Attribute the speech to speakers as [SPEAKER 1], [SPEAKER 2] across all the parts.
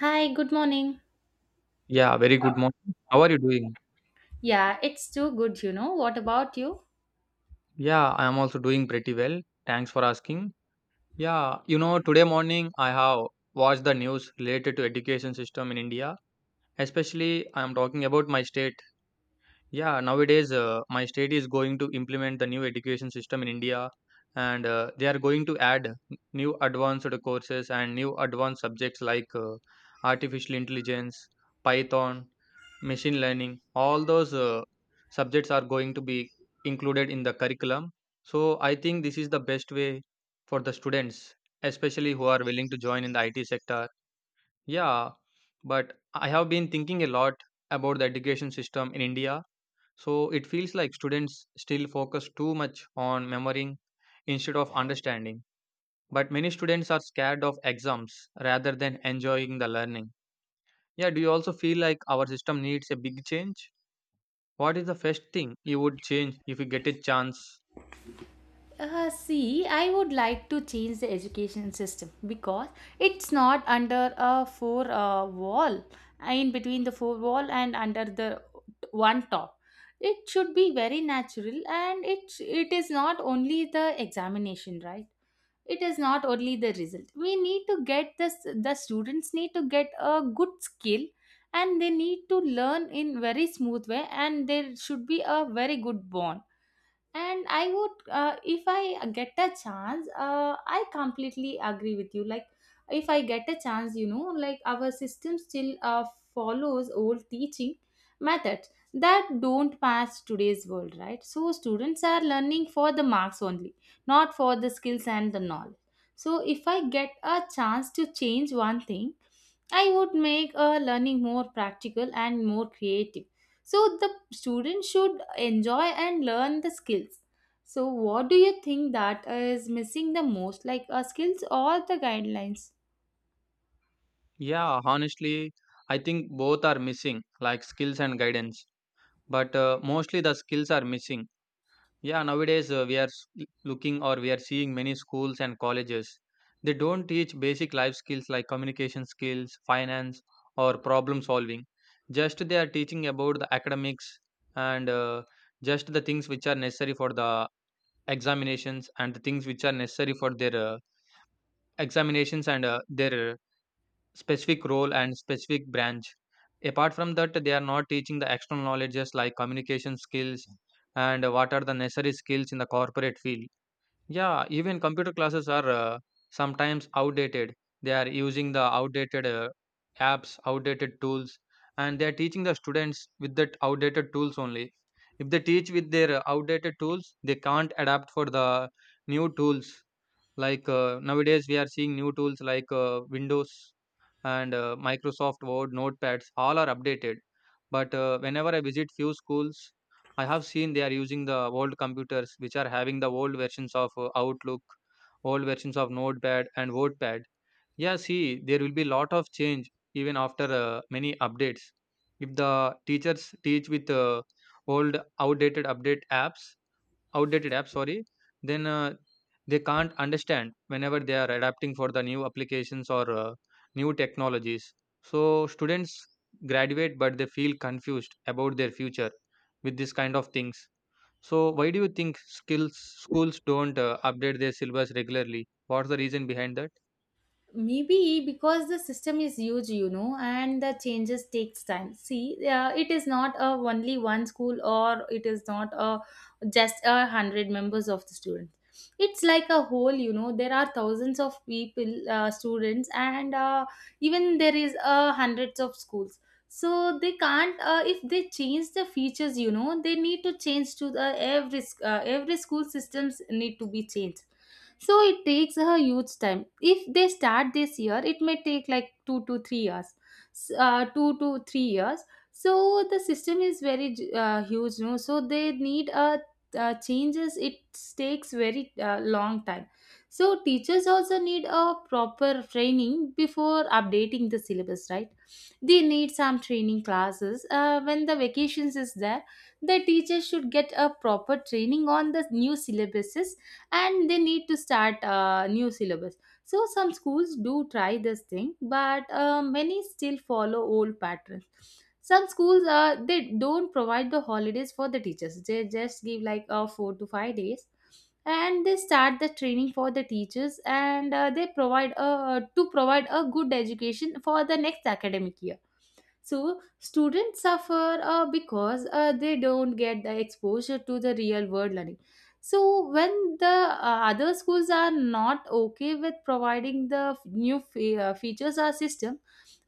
[SPEAKER 1] Hi, good morning.
[SPEAKER 2] Yeah, very good morning. How are you doing?
[SPEAKER 1] Yeah, it's too good, you know. What about you?
[SPEAKER 2] Yeah, I am also doing pretty well. Thanks for asking. Yeah, you know, today morning I have watched the news related to education system in India. Especially, I am talking about my state. Yeah, nowadays my state is going to implement the new education system in India, and they are going to add new advanced courses and new advanced subjects like artificial intelligence, Python, machine learning, all those subjects are going to be included in the curriculum. So I think this is the best way for the students, especially who are willing to join in the it sector. Yeah, but I have been thinking a lot about the education system in india. So it feels like students still focus too much on memorying instead of understanding, but many students are scared of exams rather than enjoying the learning. Yeah, do you also feel like our system needs a big change? What is the first thing you would change if you get a chance?
[SPEAKER 1] See, I would like to change the education system because it's not under a four wall, in between the four wall and under the one top. It should be very natural, and it is not only the examination, right? It is not only the result. We need to get this. The students need to get a good skill, and they need to learn in very smooth way, and there should be a very good bond, and I would, if I get a chance, I completely agree with you. Like, if I get a chance, you know, like our system still follows old teaching methods that don't match today's world, right? So students are learning for the marks only, not for the skills and the knowledge. So if I get a chance to change one thing, I would make learning more practical and more creative, so the students should enjoy and learn the skills. So what do you think that is missing the most, like skills or the guidelines?
[SPEAKER 2] Yeah, honestly, I think both are missing, like skills and guidance. But mostly the skills are missing. Yeah, nowadays we are looking, or we are seeing many schools and colleges. They don't teach basic life skills like communication skills, finance, or problem solving. Just they are teaching about the academics, and just the things which are necessary for the examinations, and the things which are necessary for their examinations, and their specific role and specific branch. Apart from that, they are not teaching the external knowledges like communication skills, and what are the necessary skills in the corporate field. Yeah, even computer classes are sometimes outdated. They are using the outdated apps, outdated tools, and they are teaching the students with that outdated tools only. If they teach with their outdated tools, they can't adapt for the new tools. Like nowadays, we are seeing new tools like Windows, and Microsoft Word, notepads, all are updated. But whenever I visit few schools, I have seen they are using the old computers which are having the old versions of Outlook, old versions of Notepad and WordPad. Yeah, see, there will be lot of change even after many updates. If the teachers teach with old outdated update apps, outdated app sorry, then they can't understand whenever they are adapting for the new applications or new technologies. So students graduate but they feel confused about their future with this kind of things. So why do you think skills schools don't update their syllabus regularly? What's the reason behind that?
[SPEAKER 1] Maybe because the system is huge, you know, and the changes takes time. See, it is not a only one school, or it is not a just a hundred members of the students. It's like a whole, you know, there are thousands of people, students, and even there is hundreds of schools. So they can't, if they change the features, you know, they need to change to the every every school systems need to be changed. So it takes a huge time. If they start this year, it may take like 2 to 3 years. 2 to 3 years. So the system is very huge, no? So they need a changes. It takes very long time. So teachers also need a proper training before updating the syllabus, right? They need some training classes when the vacations is there. The teachers should get a proper training on the new syllabuses, and they need to start new syllabus. So some schools do try this thing, but many still follow old patterns. Some schools, they don't provide the holidays for the teachers. They just give like 4 to 5 days and they start the training for the teachers, and they provide to provide a good education for the next academic year. So students suffer, because they don't get the exposure to the real world learning. So when the other schools are not okay with providing the new features or system,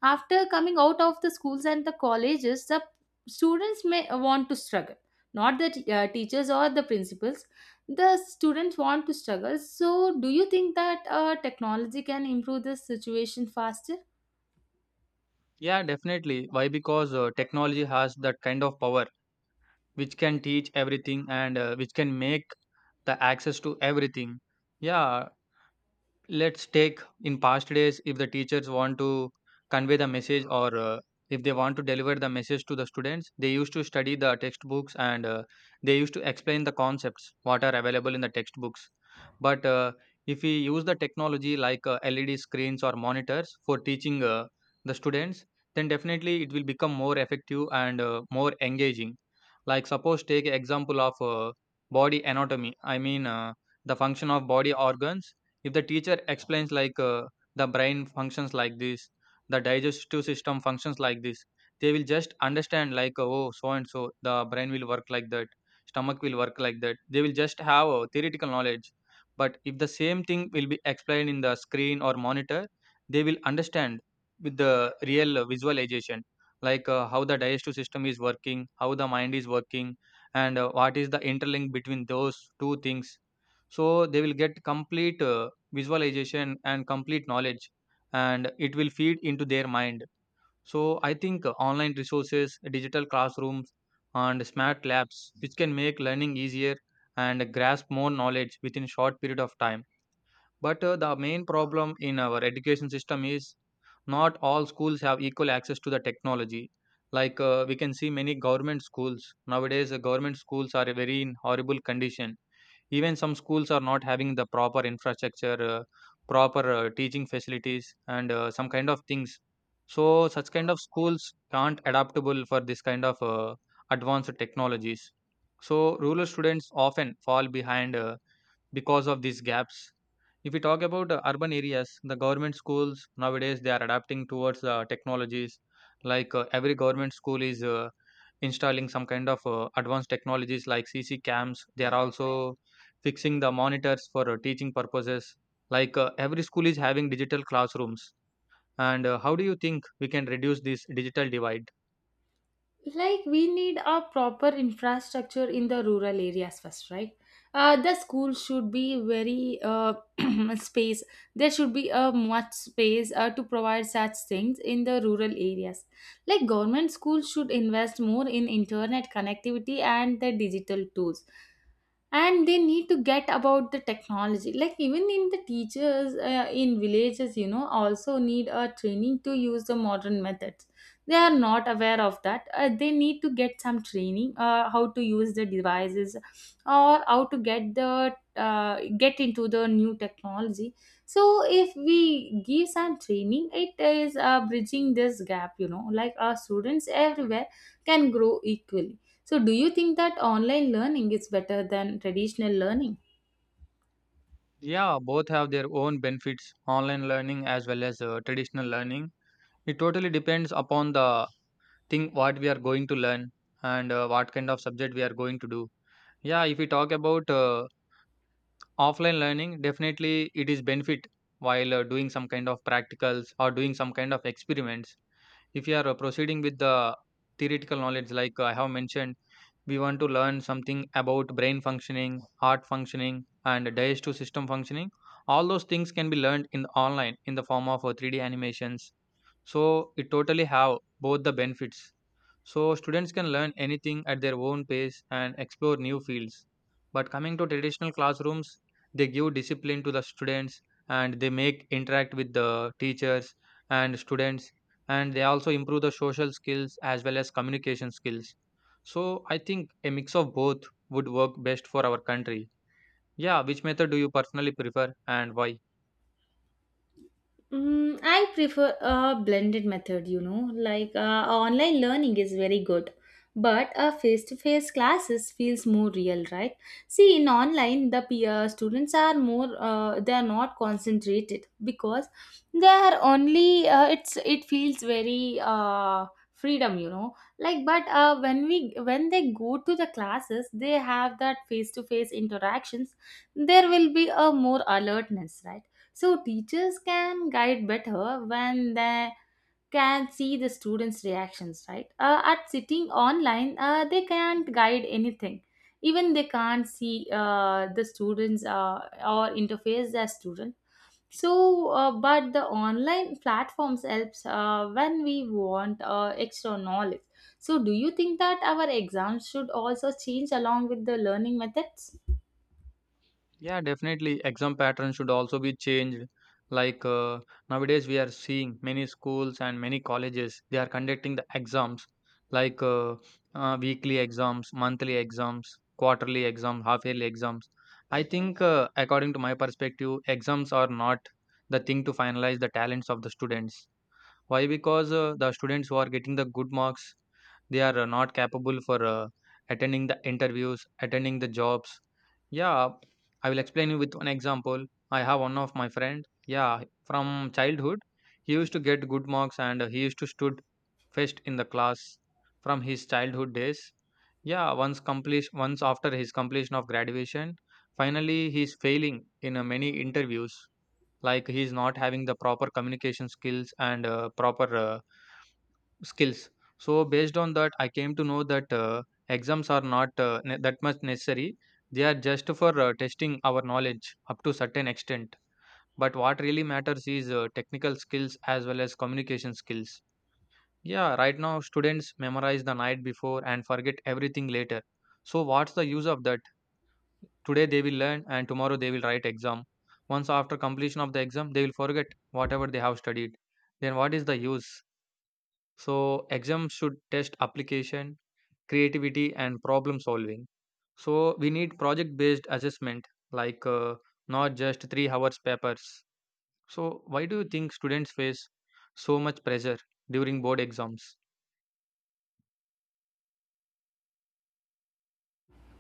[SPEAKER 1] after coming out of the schools and the colleges, the students may want to struggle. Not the teachers or the principals. The students want to struggle. So do you think that technology can improve this situation faster?
[SPEAKER 2] Yeah, definitely. Why? Because technology has that kind of power which can teach everything, and which can make the access to everything. Yeah, let's take in past days, if the teachers want to convey the message, or if they want to deliver the message to the students, they used to study the textbooks, and they used to explain the concepts what are available in the textbooks. But if we use the technology like led screens or monitors for teaching the students, then definitely it will become more effective and more engaging. Like, suppose take example of body anatomy, I mean, the function of body organs. If the teacher explains like the brain functions like this, the digestive system functions like this, they will just understand like, oh, so and so the brain will work like that, stomach will work like that. They will just have a theoretical knowledge. But if the same thing will be explained in the screen or monitor, they will understand with the real visualization, like how the digestive system is working, how the mind is working, and what is the interlink between those two things. So they will get complete visualization and complete knowledge, and it will feed into their mind. So I think online resources, digital classrooms, and smart labs which can make learning easier and grasp more knowledge within short period of time. But the main problem in our education system is not all schools have equal access to the technology. Like we can see many government schools. Nowadays the government schools are very in horrible condition. Even some schools are not having the proper infrastructure, proper teaching facilities, and some kind of things. So such kind of schools can't adaptable for this kind of advanced technologies. So rural students often fall behind because of these gaps. If we talk about urban areas, the government schools nowadays they are adapting towards the technologies. Like every government school is installing some kind of advanced technologies like cc cams. They are also fixing the monitors for teaching purposes. Like every school is having digital classrooms. And how do you think we can reduce this digital divide?
[SPEAKER 1] Like, we need a proper infrastructure in the rural areas first, right? Uh, the school should be very, space. There should be a much space to provide such things in the rural areas. Like, government schools should invest more in internet connectivity and the digital tools, and they need to get about the technology. Like, even in the teachers, in villages, you know, also need a training to use the modern methods. They are not aware of that. Uh, they need to get some training, how to use the devices or how to get the get into the new technology. So if we give some training, it is bridging this gap, you know, like our students everywhere can grow equally. So, do you think that online learning is better than traditional learning?
[SPEAKER 2] Yeah, both have their own benefits, online learning as well as traditional learning. It totally depends upon the thing what we are going to learn, and what kind of subject we are going to do. Yeah, if we talk about offline learning, definitely it is benefit while doing some kind of practicals or doing some kind of experiments. If you are proceeding with the theoretical knowledge, like I have mentioned, we want to learn something about brain functioning, heart functioning, and digestive system functioning, all those things can be learned in the online in the form of 3D animations. So it totally have both the benefits. So students can learn anything at their own pace and explore new fields. But coming to traditional classrooms, they give discipline to the students, and they make interact with the teachers and students, and they also improve the social skills as well as communication skills. So I think a mix of both would work best for our country. Yeah, which method do you personally prefer and why?
[SPEAKER 1] Mm, I prefer a blended method, you know. Like, online learning is very good, but a face-to-face classes feels more real, right? See, in online, the peer students are more, they are not concentrated because they are only, it's it feels very freedom, you know. Like, but when they go to the classes, they have that face-to-face interactions. There will be a more alertness, right? So teachers can guide better when they can see the students' reactions, right? At sitting online, they can't guide anything. Even they can't see the students, or interface their student. So, but the online platforms helps when we want extra knowledge. So, do you think that our exams should also change along with the learning methods?
[SPEAKER 2] Yeah, definitely. Exam patterns should also be changed. Like nowadays, we are seeing many schools and many colleges, they are conducting the exams like weekly exams, monthly exams, quarterly exams, half yearly exams. I think, according to my perspective, exams are not the thing to finalize the talents of the students. Why? Because the students who are getting the good marks, they are not capable for attending the interviews, attending the jobs. Yeah, I will explain you with one example. I have one of my friend. Yeah, from childhood, he used to get good marks and he used to stood first in the class from his childhood days. Yeah, once after his completion of graduation, finally he is failing in many interviews. Like he is not having the proper communication skills and proper skills. So based on that, I came to know that exams are not that much necessary. They are just for testing our knowledge up to certain extent. But what really matters is technical skills as well as communication skills. Yeah, right now students memorize the night before and forget everything later. So what's the use of that? Today they will learn and tomorrow they will write exam. Once after completion of the exam, they will forget whatever they have studied. Then what is the use? So exams should test application, creativity, and problem solving. So we need project based assessment, like not just 3 hours papers. So why do you think students face so much pressure during board exams?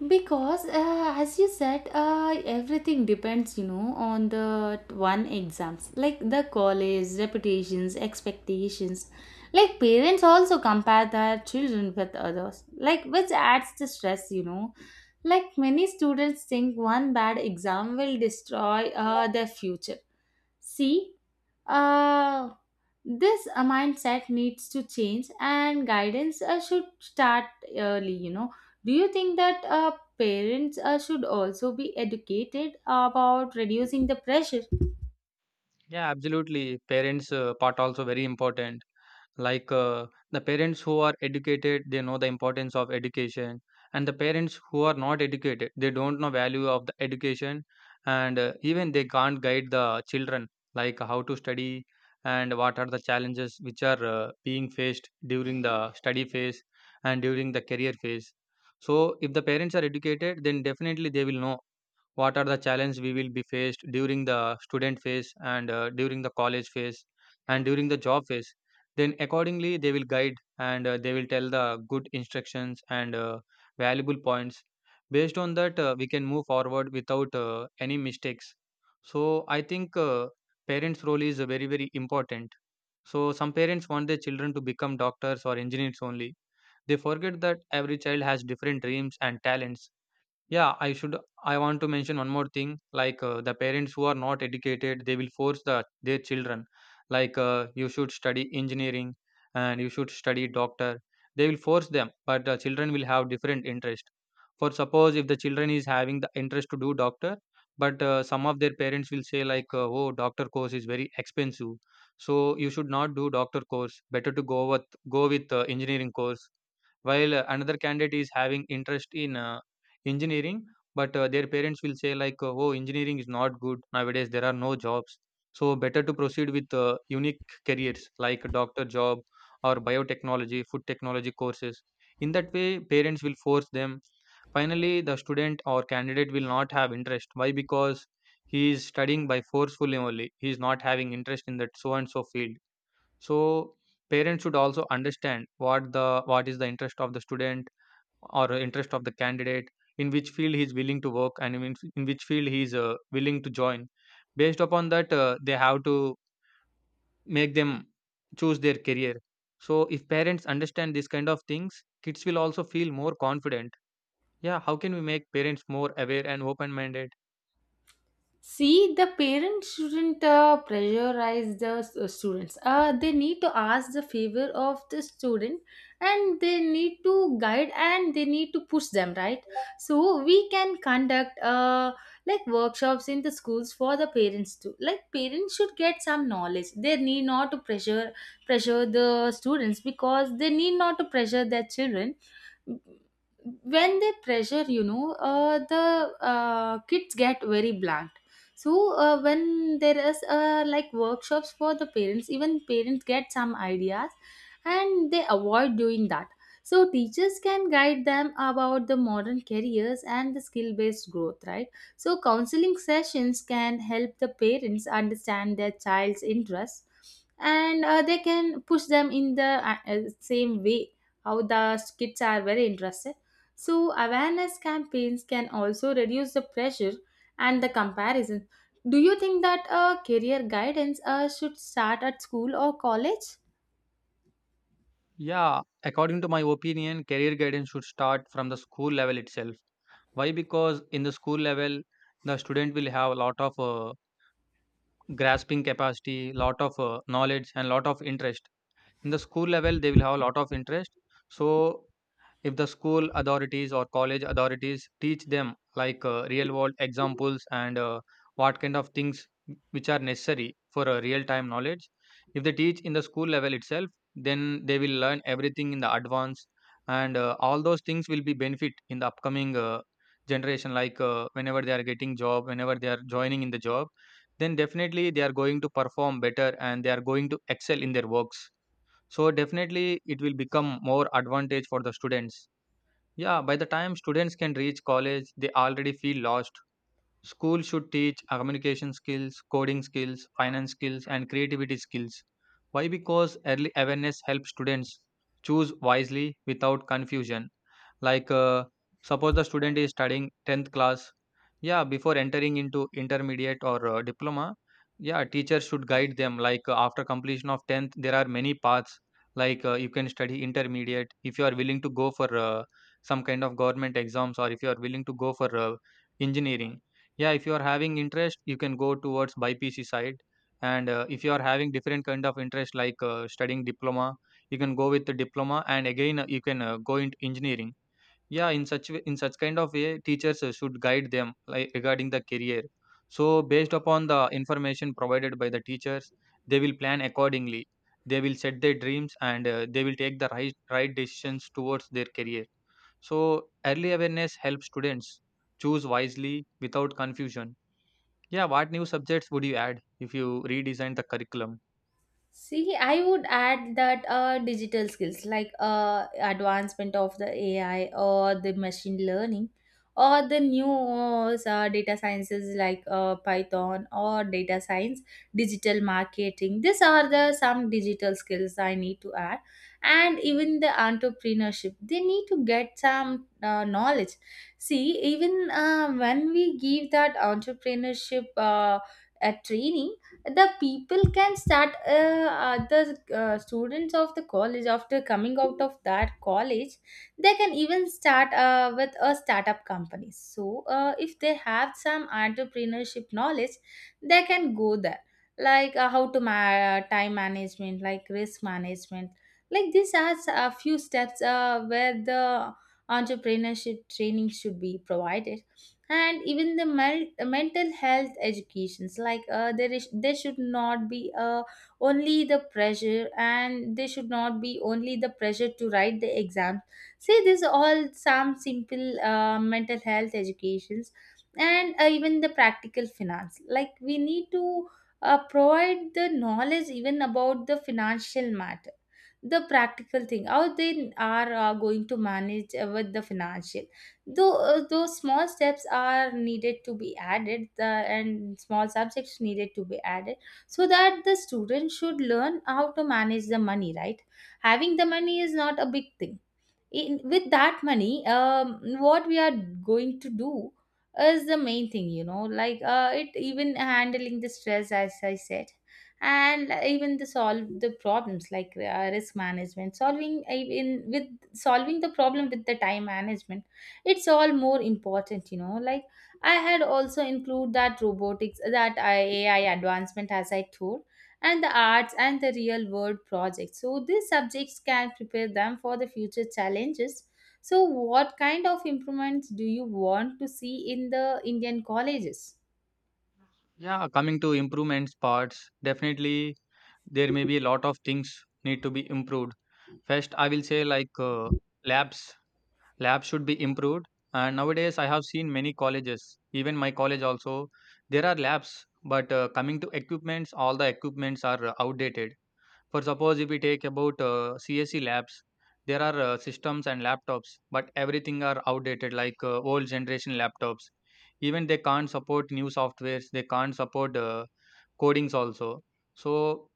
[SPEAKER 1] Because, as you said, everything depends, you know, on the one exams, like the college, reputations, expectations. Like parents also compare their children with others, like which adds to stress, you know. Like many students think one bad exam will destroy their future. See, uh, this mindset needs to change and guidance should start early, you know. Do you think that parents should also be educated about reducing the pressure?
[SPEAKER 2] Yeah, absolutely. Parents' part also very important. The parents who are educated, they know the importance of education, and the parents who are not educated, they don't know value of the education, and even they can't guide the children, like how to study and what are the challenges which are being faced during the study phase and during the career phase. So if the parents are educated, then definitely they will know what are the challenges we will be faced during the student phase and during the college phase and during the job phase. Then accordingly they will guide, and they will tell the good instructions and valuable points. Based on that, we can move forward without any mistakes. So I think parents role is very very important. So some parents want their children to become doctors or engineers only. They forget that every child has different dreams and talents. Yeah, I should. I want to mention one more thing. The parents who are not educated, they will force the their children, like you should study engineering and you should study doctor. They will force them, but the children will have different interest. For suppose, if the children is having the interest to do doctor, but some of their parents will say, like oh, doctor course is very expensive, so you should not do doctor course, better to go with go with engineering course. While another candidate is having interest in engineering, but their parents will say, like, "Oh, engineering is not good nowadays. There are no jobs. So better to proceed with unique careers like a doctor job or biotechnology, food technology courses." In that way, parents will force them. Finally, the student or candidate will not have interest. Why? Because he is studying by forcefully only, he is not having interest in that so and so field. So parents should also understand what the what is the interest of the student or interest of the candidate, in which field he is willing to work and in which field he is willing to join. Based upon that, they have to make them choose their career. So if parents understand these kind of things, kids will also feel more confident. Yeah, how can we make parents more aware and open-minded?
[SPEAKER 1] See, the parents shouldn't pressurize the students. They need to ask the favor of the student, and they need to guide and they need to push them, right? So, we can conduct, like, workshops in the schools for the parents too. Like, parents should get some knowledge. They need not to pressure the students because they need not to pressure their children. When they pressure, you know, the kids get very blank. So when there is, like, workshops for the parents, even parents get some ideas and they avoid doing that. So teachers can guide them about the modern careers and the skill based growth, right? So counseling sessions can help the parents understand their child's interests, and they can push them in the same way how the kids are very interested. So awareness campaigns can also reduce the pressure and the comparison. Do you think that career guidance should start at school or college?
[SPEAKER 2] Yeah, according to my opinion, career guidance should start from the school level itself. Why? Because in the school level, the student will have a lot of grasping capacity, lot of knowledge, and lot of interest. In the school level, they will have a lot of interest. So if the school authorities or college authorities teach them like real world examples and what kind of things which are necessary for a real time knowledge, if they teach in the school level itself, then they will learn everything in the advance, and all those things will be benefit in the upcoming generation. Whenever they are getting job, whenever they are joining in the job, then definitely they are going to perform better and they are going to excel in their works. So definitely it will become more advantage for the students. Yeah, by the time students can reach college, they already feel lost. School should teach communication skills, coding skills, finance skills, and creativity skills. Why? Because early awareness helps students choose wisely without confusion. Like, suppose the student is studying 10th class, yeah, before entering into intermediate or diploma, yeah, teachers should guide them. Like, after completion of 10th, there are many paths. Like, you can study intermediate if you are willing to go for some kind of government exams, or if you are willing to go for engineering. Yeah, if you are having interest, you can go towards BPC side. And if you are having different kind of interest, like studying diploma, you can go with the diploma and again you can go into engineering. Yeah, in such way, in such kind of way, teachers should guide them like regarding the career. So based upon the information provided by the teachers, they will plan accordingly. They will set their dreams, and they will take the right decisions towards their career. So early awareness helps students choose wisely without confusion. Yeah, what new subjects would you add if you redesign the curriculum?
[SPEAKER 1] See, I would add that digital skills, like advancement of the AI or the machine learning or the new, data sciences like Python or data science, digital marketing. These are the some digital skills I need to add, and even the entrepreneurship. They need to get some knowledge. See, even when we give that entrepreneurship. A training, the people can start, the students of the college after coming out of that college, they can even start with a startup company. So if they have some entrepreneurship knowledge, they can go there, like, how to time management, like risk management. Like, these are a few steps where the entrepreneurship training should be provided. And even the mental health educations, like there should not be only the pressure, and there should not be only the pressure to write the exams. See, this all some simple mental health educations, and even the practical finance. Like, we need to provide the knowledge even about the financial matter, the practical thing, how they are going to manage with the financial. Though small steps are needed to be added, and small subjects needed to be added, so that the student should learn how to manage the money, right? Having the money is not a big thing. In, with that money, what we are going to do is the main thing, you know. Like, it even handling the stress, as I said, and even the solve the problems, like, risk management solving, even with solving the problem with the time management, it's all more important, you know. Like, I had also include that robotics, that AI advancement, as I told, and the arts and the real world projects. So these subjects can prepare them for the future challenges. So what kind of improvements do you want to see in the Indian colleges?
[SPEAKER 2] Yeah, coming to improvements parts, definitely there may be a lot of things need to be improved. First, I will say like labs. Labs should be improved. And nowadays, I have seen many colleges, even my college also, there are labs. But coming to equipments, all the equipments are outdated. For suppose, if we take about CSE labs, there are systems and laptops, but everything are outdated, like old generation laptops. Even they can't support new softwares. They can't support codings also. So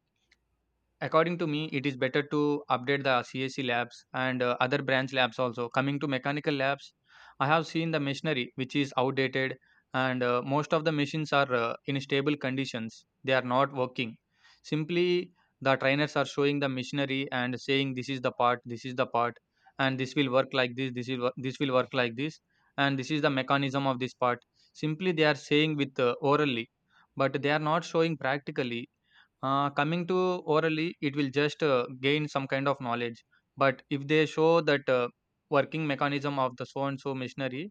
[SPEAKER 2] according to me, it is better to update the CAC labs and other branch labs also. Coming to mechanical labs, I have seen the machinery which is outdated, and most of the machines are in stable conditions. They are not working. Simply, the trainers are showing the machinery and saying this is the part, this is the part, and this will work like this, this will work like this, and this is the mechanism of this part. Simply, they are saying with orally, but they are not showing practically. Coming to orally, it will just gain some kind of knowledge. But if they show that working mechanism of the so and so machinery,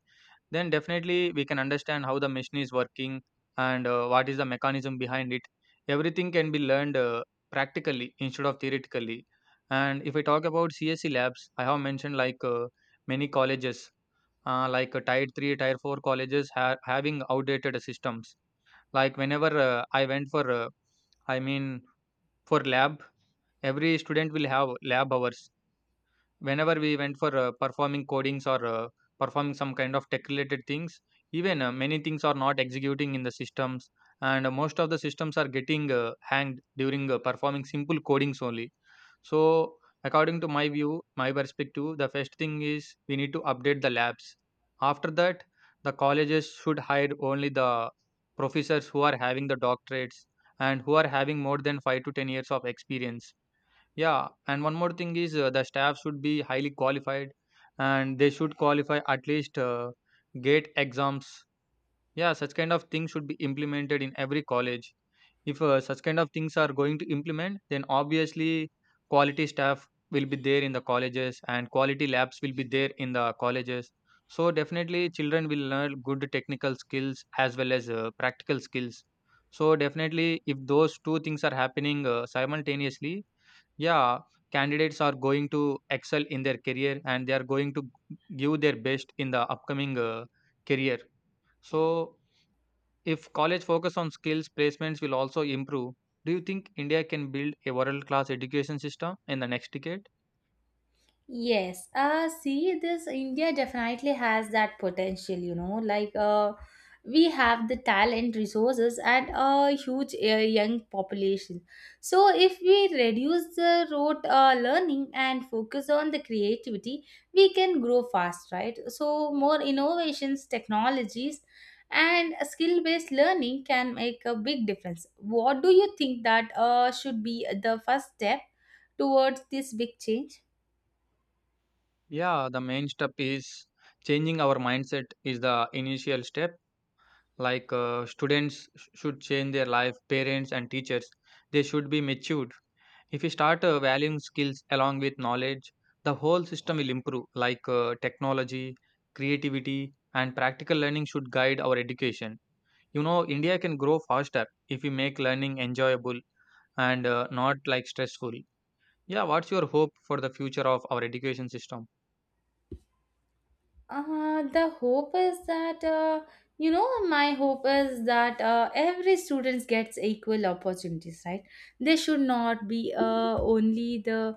[SPEAKER 2] then definitely we can understand how the machine is working, and what is the mechanism behind it. Everything can be learned practically instead of theoretically. And if I talk about CSE labs, I have mentioned like many colleges, tier three, tier four colleges having outdated systems. Like whenever I went I mean, for lab, every student will have lab hours. Whenever we went for performing codings or performing some kind of tech related things, even many things are not executing in the systems, and most of the systems are getting hanged during performing simple codings only. So according to my view, my perspective, the first thing is we need to update the labs. After that, the colleges should hire only the professors who are having the doctorates and who are having more than 5 to 10 years of experience. Yeah, and one more thing is the staff should be highly qualified, and they should qualify at least gate exams. Yeah, such kind of things should be implemented in every college. If such kind of things are going to implement, then obviously quality staff will be there in the colleges, and quality labs will be there in the colleges. So definitely children will learn good technical skills as well as practical skills. So definitely if those two things are happening simultaneously, yeah, candidates are going to excel in their career, and they are going to give their best in the upcoming career. So if college focus on skills, placements will also improve. Do you think India can build a world class education system in the next decade?
[SPEAKER 1] Yes, see, this India definitely has that potential, you know. Like, we have the talent, resources, and a huge young population. So, if we reduce the rote learning and focus on the creativity, we can grow fast, right? So, more innovations, technologies, and skill based learning can make a big difference. What do you think that should be the first step towards this big change?
[SPEAKER 2] Yeah, the main step is changing our mindset is the initial step. Like students should change their life, parents and teachers, they should be matured. If you start valuing skills along with knowledge, the whole system will improve. Like technology, creativity and practical learning should guide our education. You know, India can grow faster if we make learning enjoyable, and not like stressful. Yeah, what's your hope for the future of our education system?
[SPEAKER 1] The hope is that, you know, my hope is that every student gets equal opportunities, right? They should not be only the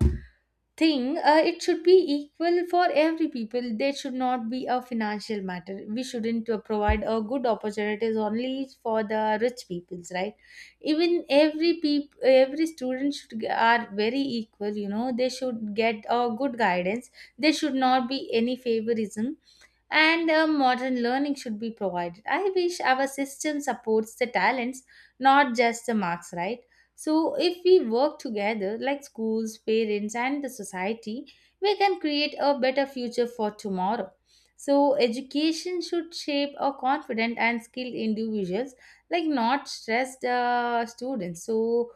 [SPEAKER 1] thing. It should be equal for every people. There should not be a financial matter. We shouldn't provide a good opportunities only for the rich peoples, right? Even every student should are very equal, you know. They should get a good guidance. There should not be any favorism, and modern learning should be provided. I wish our system supports the talents, not just the marks, right? So, if we work together, like schools, parents, and the society, we can create a better future for tomorrow. So, education should shape a confident and skilled individuals, like not stressed students. So,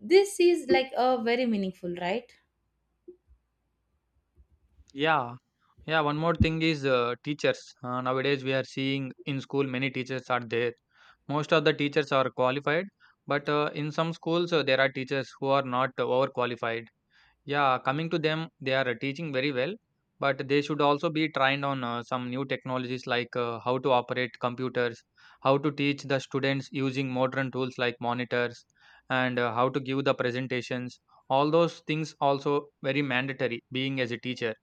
[SPEAKER 1] this is like a very meaningful, right?
[SPEAKER 2] Yeah. Yeah, one more thing is teachers. Nowadays, we are seeing in school many teachers are there. Most of the teachers are qualified, but in some schools, there are teachers who are not overqualified. Yeah, coming to them, they are teaching very well, but they should also be trained on some new technologies, like how to operate computers, how to teach the students using modern tools like monitors, and how to give the presentations. All those things also very mandatory being as a teacher.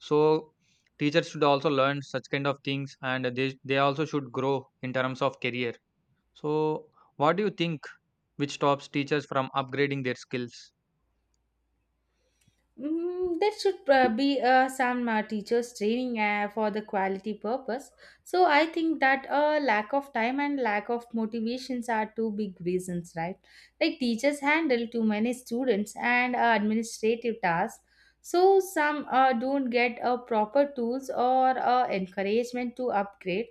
[SPEAKER 2] So teachers should also learn such kind of things, and they also should grow in terms of career. So what do you think which stops teachers from upgrading their skills?
[SPEAKER 1] Mm, that should, be some teachers training for the quality purpose. So I think that lack of time and lack of motivations are two big reasons, right? Like teachers handle too many students and administrative tasks. So some don't get proper tools or encouragement to upgrade.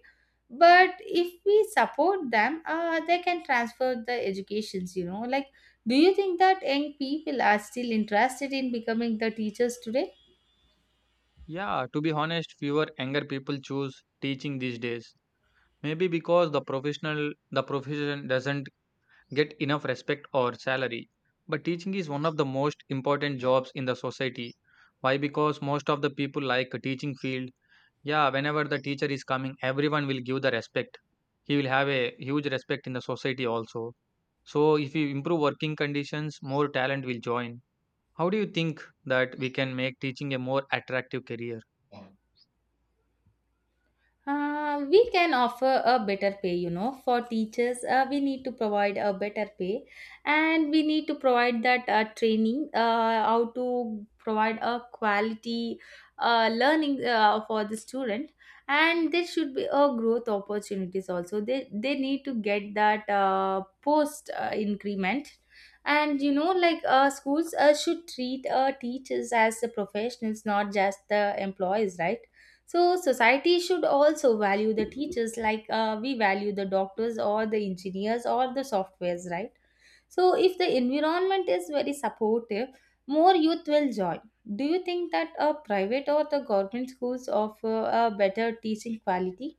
[SPEAKER 1] But if we support them, they can transfer the educations, you know. Like, do you think that young people are still interested in becoming the teachers today?
[SPEAKER 2] Yeah, to be honest, fewer younger people choose teaching these days. Maybe because the profession doesn't get enough respect or salary. But teaching is one of the most important jobs in the society. Why? Because most of the people like teaching field. Yeah, whenever the teacher is coming, everyone will give the respect. He will have a huge respect in the society also. So, if you improve working conditions, more talent will join. How do you think that we can make teaching a more attractive career?
[SPEAKER 1] We can offer a better pay, you know, for teachers. We need to provide a better pay, and we need to provide that training, how to provide a quality learning for the student. And there should be a growth opportunities also. They need to get that post increment. And you know, like schools should treat teachers as the professionals, not just the employees, right? So society should also value the teachers, like we value the doctors or the engineers or the softwares, right? So if the environment is very supportive, more youth will join. Do you think that private or the government schools offer a better teaching quality?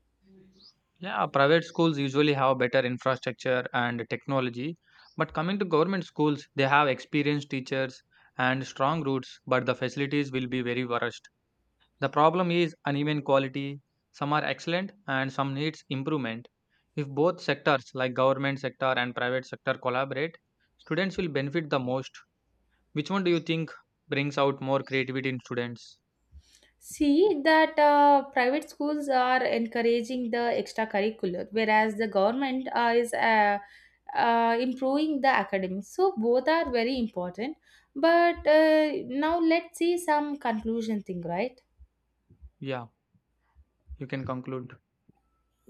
[SPEAKER 2] Yeah, private schools usually have better infrastructure and technology. But coming to government schools, they have experienced teachers and strong roots, but the facilities will be very worst. The problem is uneven quality. Some are excellent, and some needs improvement. If both sectors, like government sector and private sector, collaborate, students will benefit the most. Which one do you think brings out more creativity in students?
[SPEAKER 1] See that private schools are encouraging the extracurricular, whereas the government is improving the academics. So both are very important. But now let's see some conclusion thing, right?
[SPEAKER 2] Yeah, you can conclude.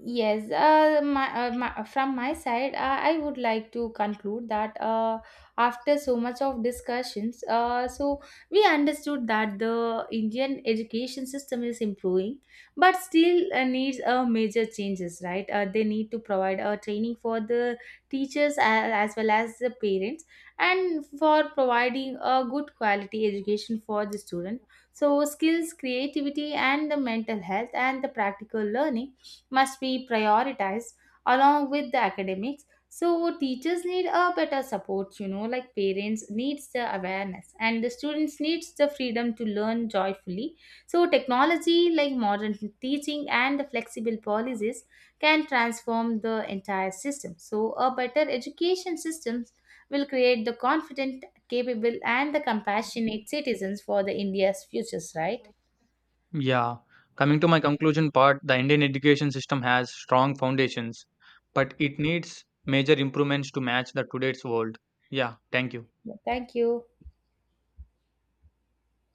[SPEAKER 1] Yes, from my side, I would like to conclude that, after so much of discussions, so we understood that the Indian education system is improving, but still needs major changes, right? They need to provide a training for the teachers as well as the parents and for providing a good quality education for the student. So skills, creativity, and the mental health and the practical learning must be prioritized along with the academics. So teachers need a better support, you know. Like, parents needs the awareness and the students needs the freedom to learn joyfully. So technology, like modern teaching and the flexible policies, can transform the entire system. So a better education system will create the confident, capable and the compassionate citizens for the India's futures, right?
[SPEAKER 2] Yeah. Coming to my conclusion part, the Indian education system has strong foundations, but it needs major improvements to match the today's world. Yeah, thank you.
[SPEAKER 1] Yeah, thank you.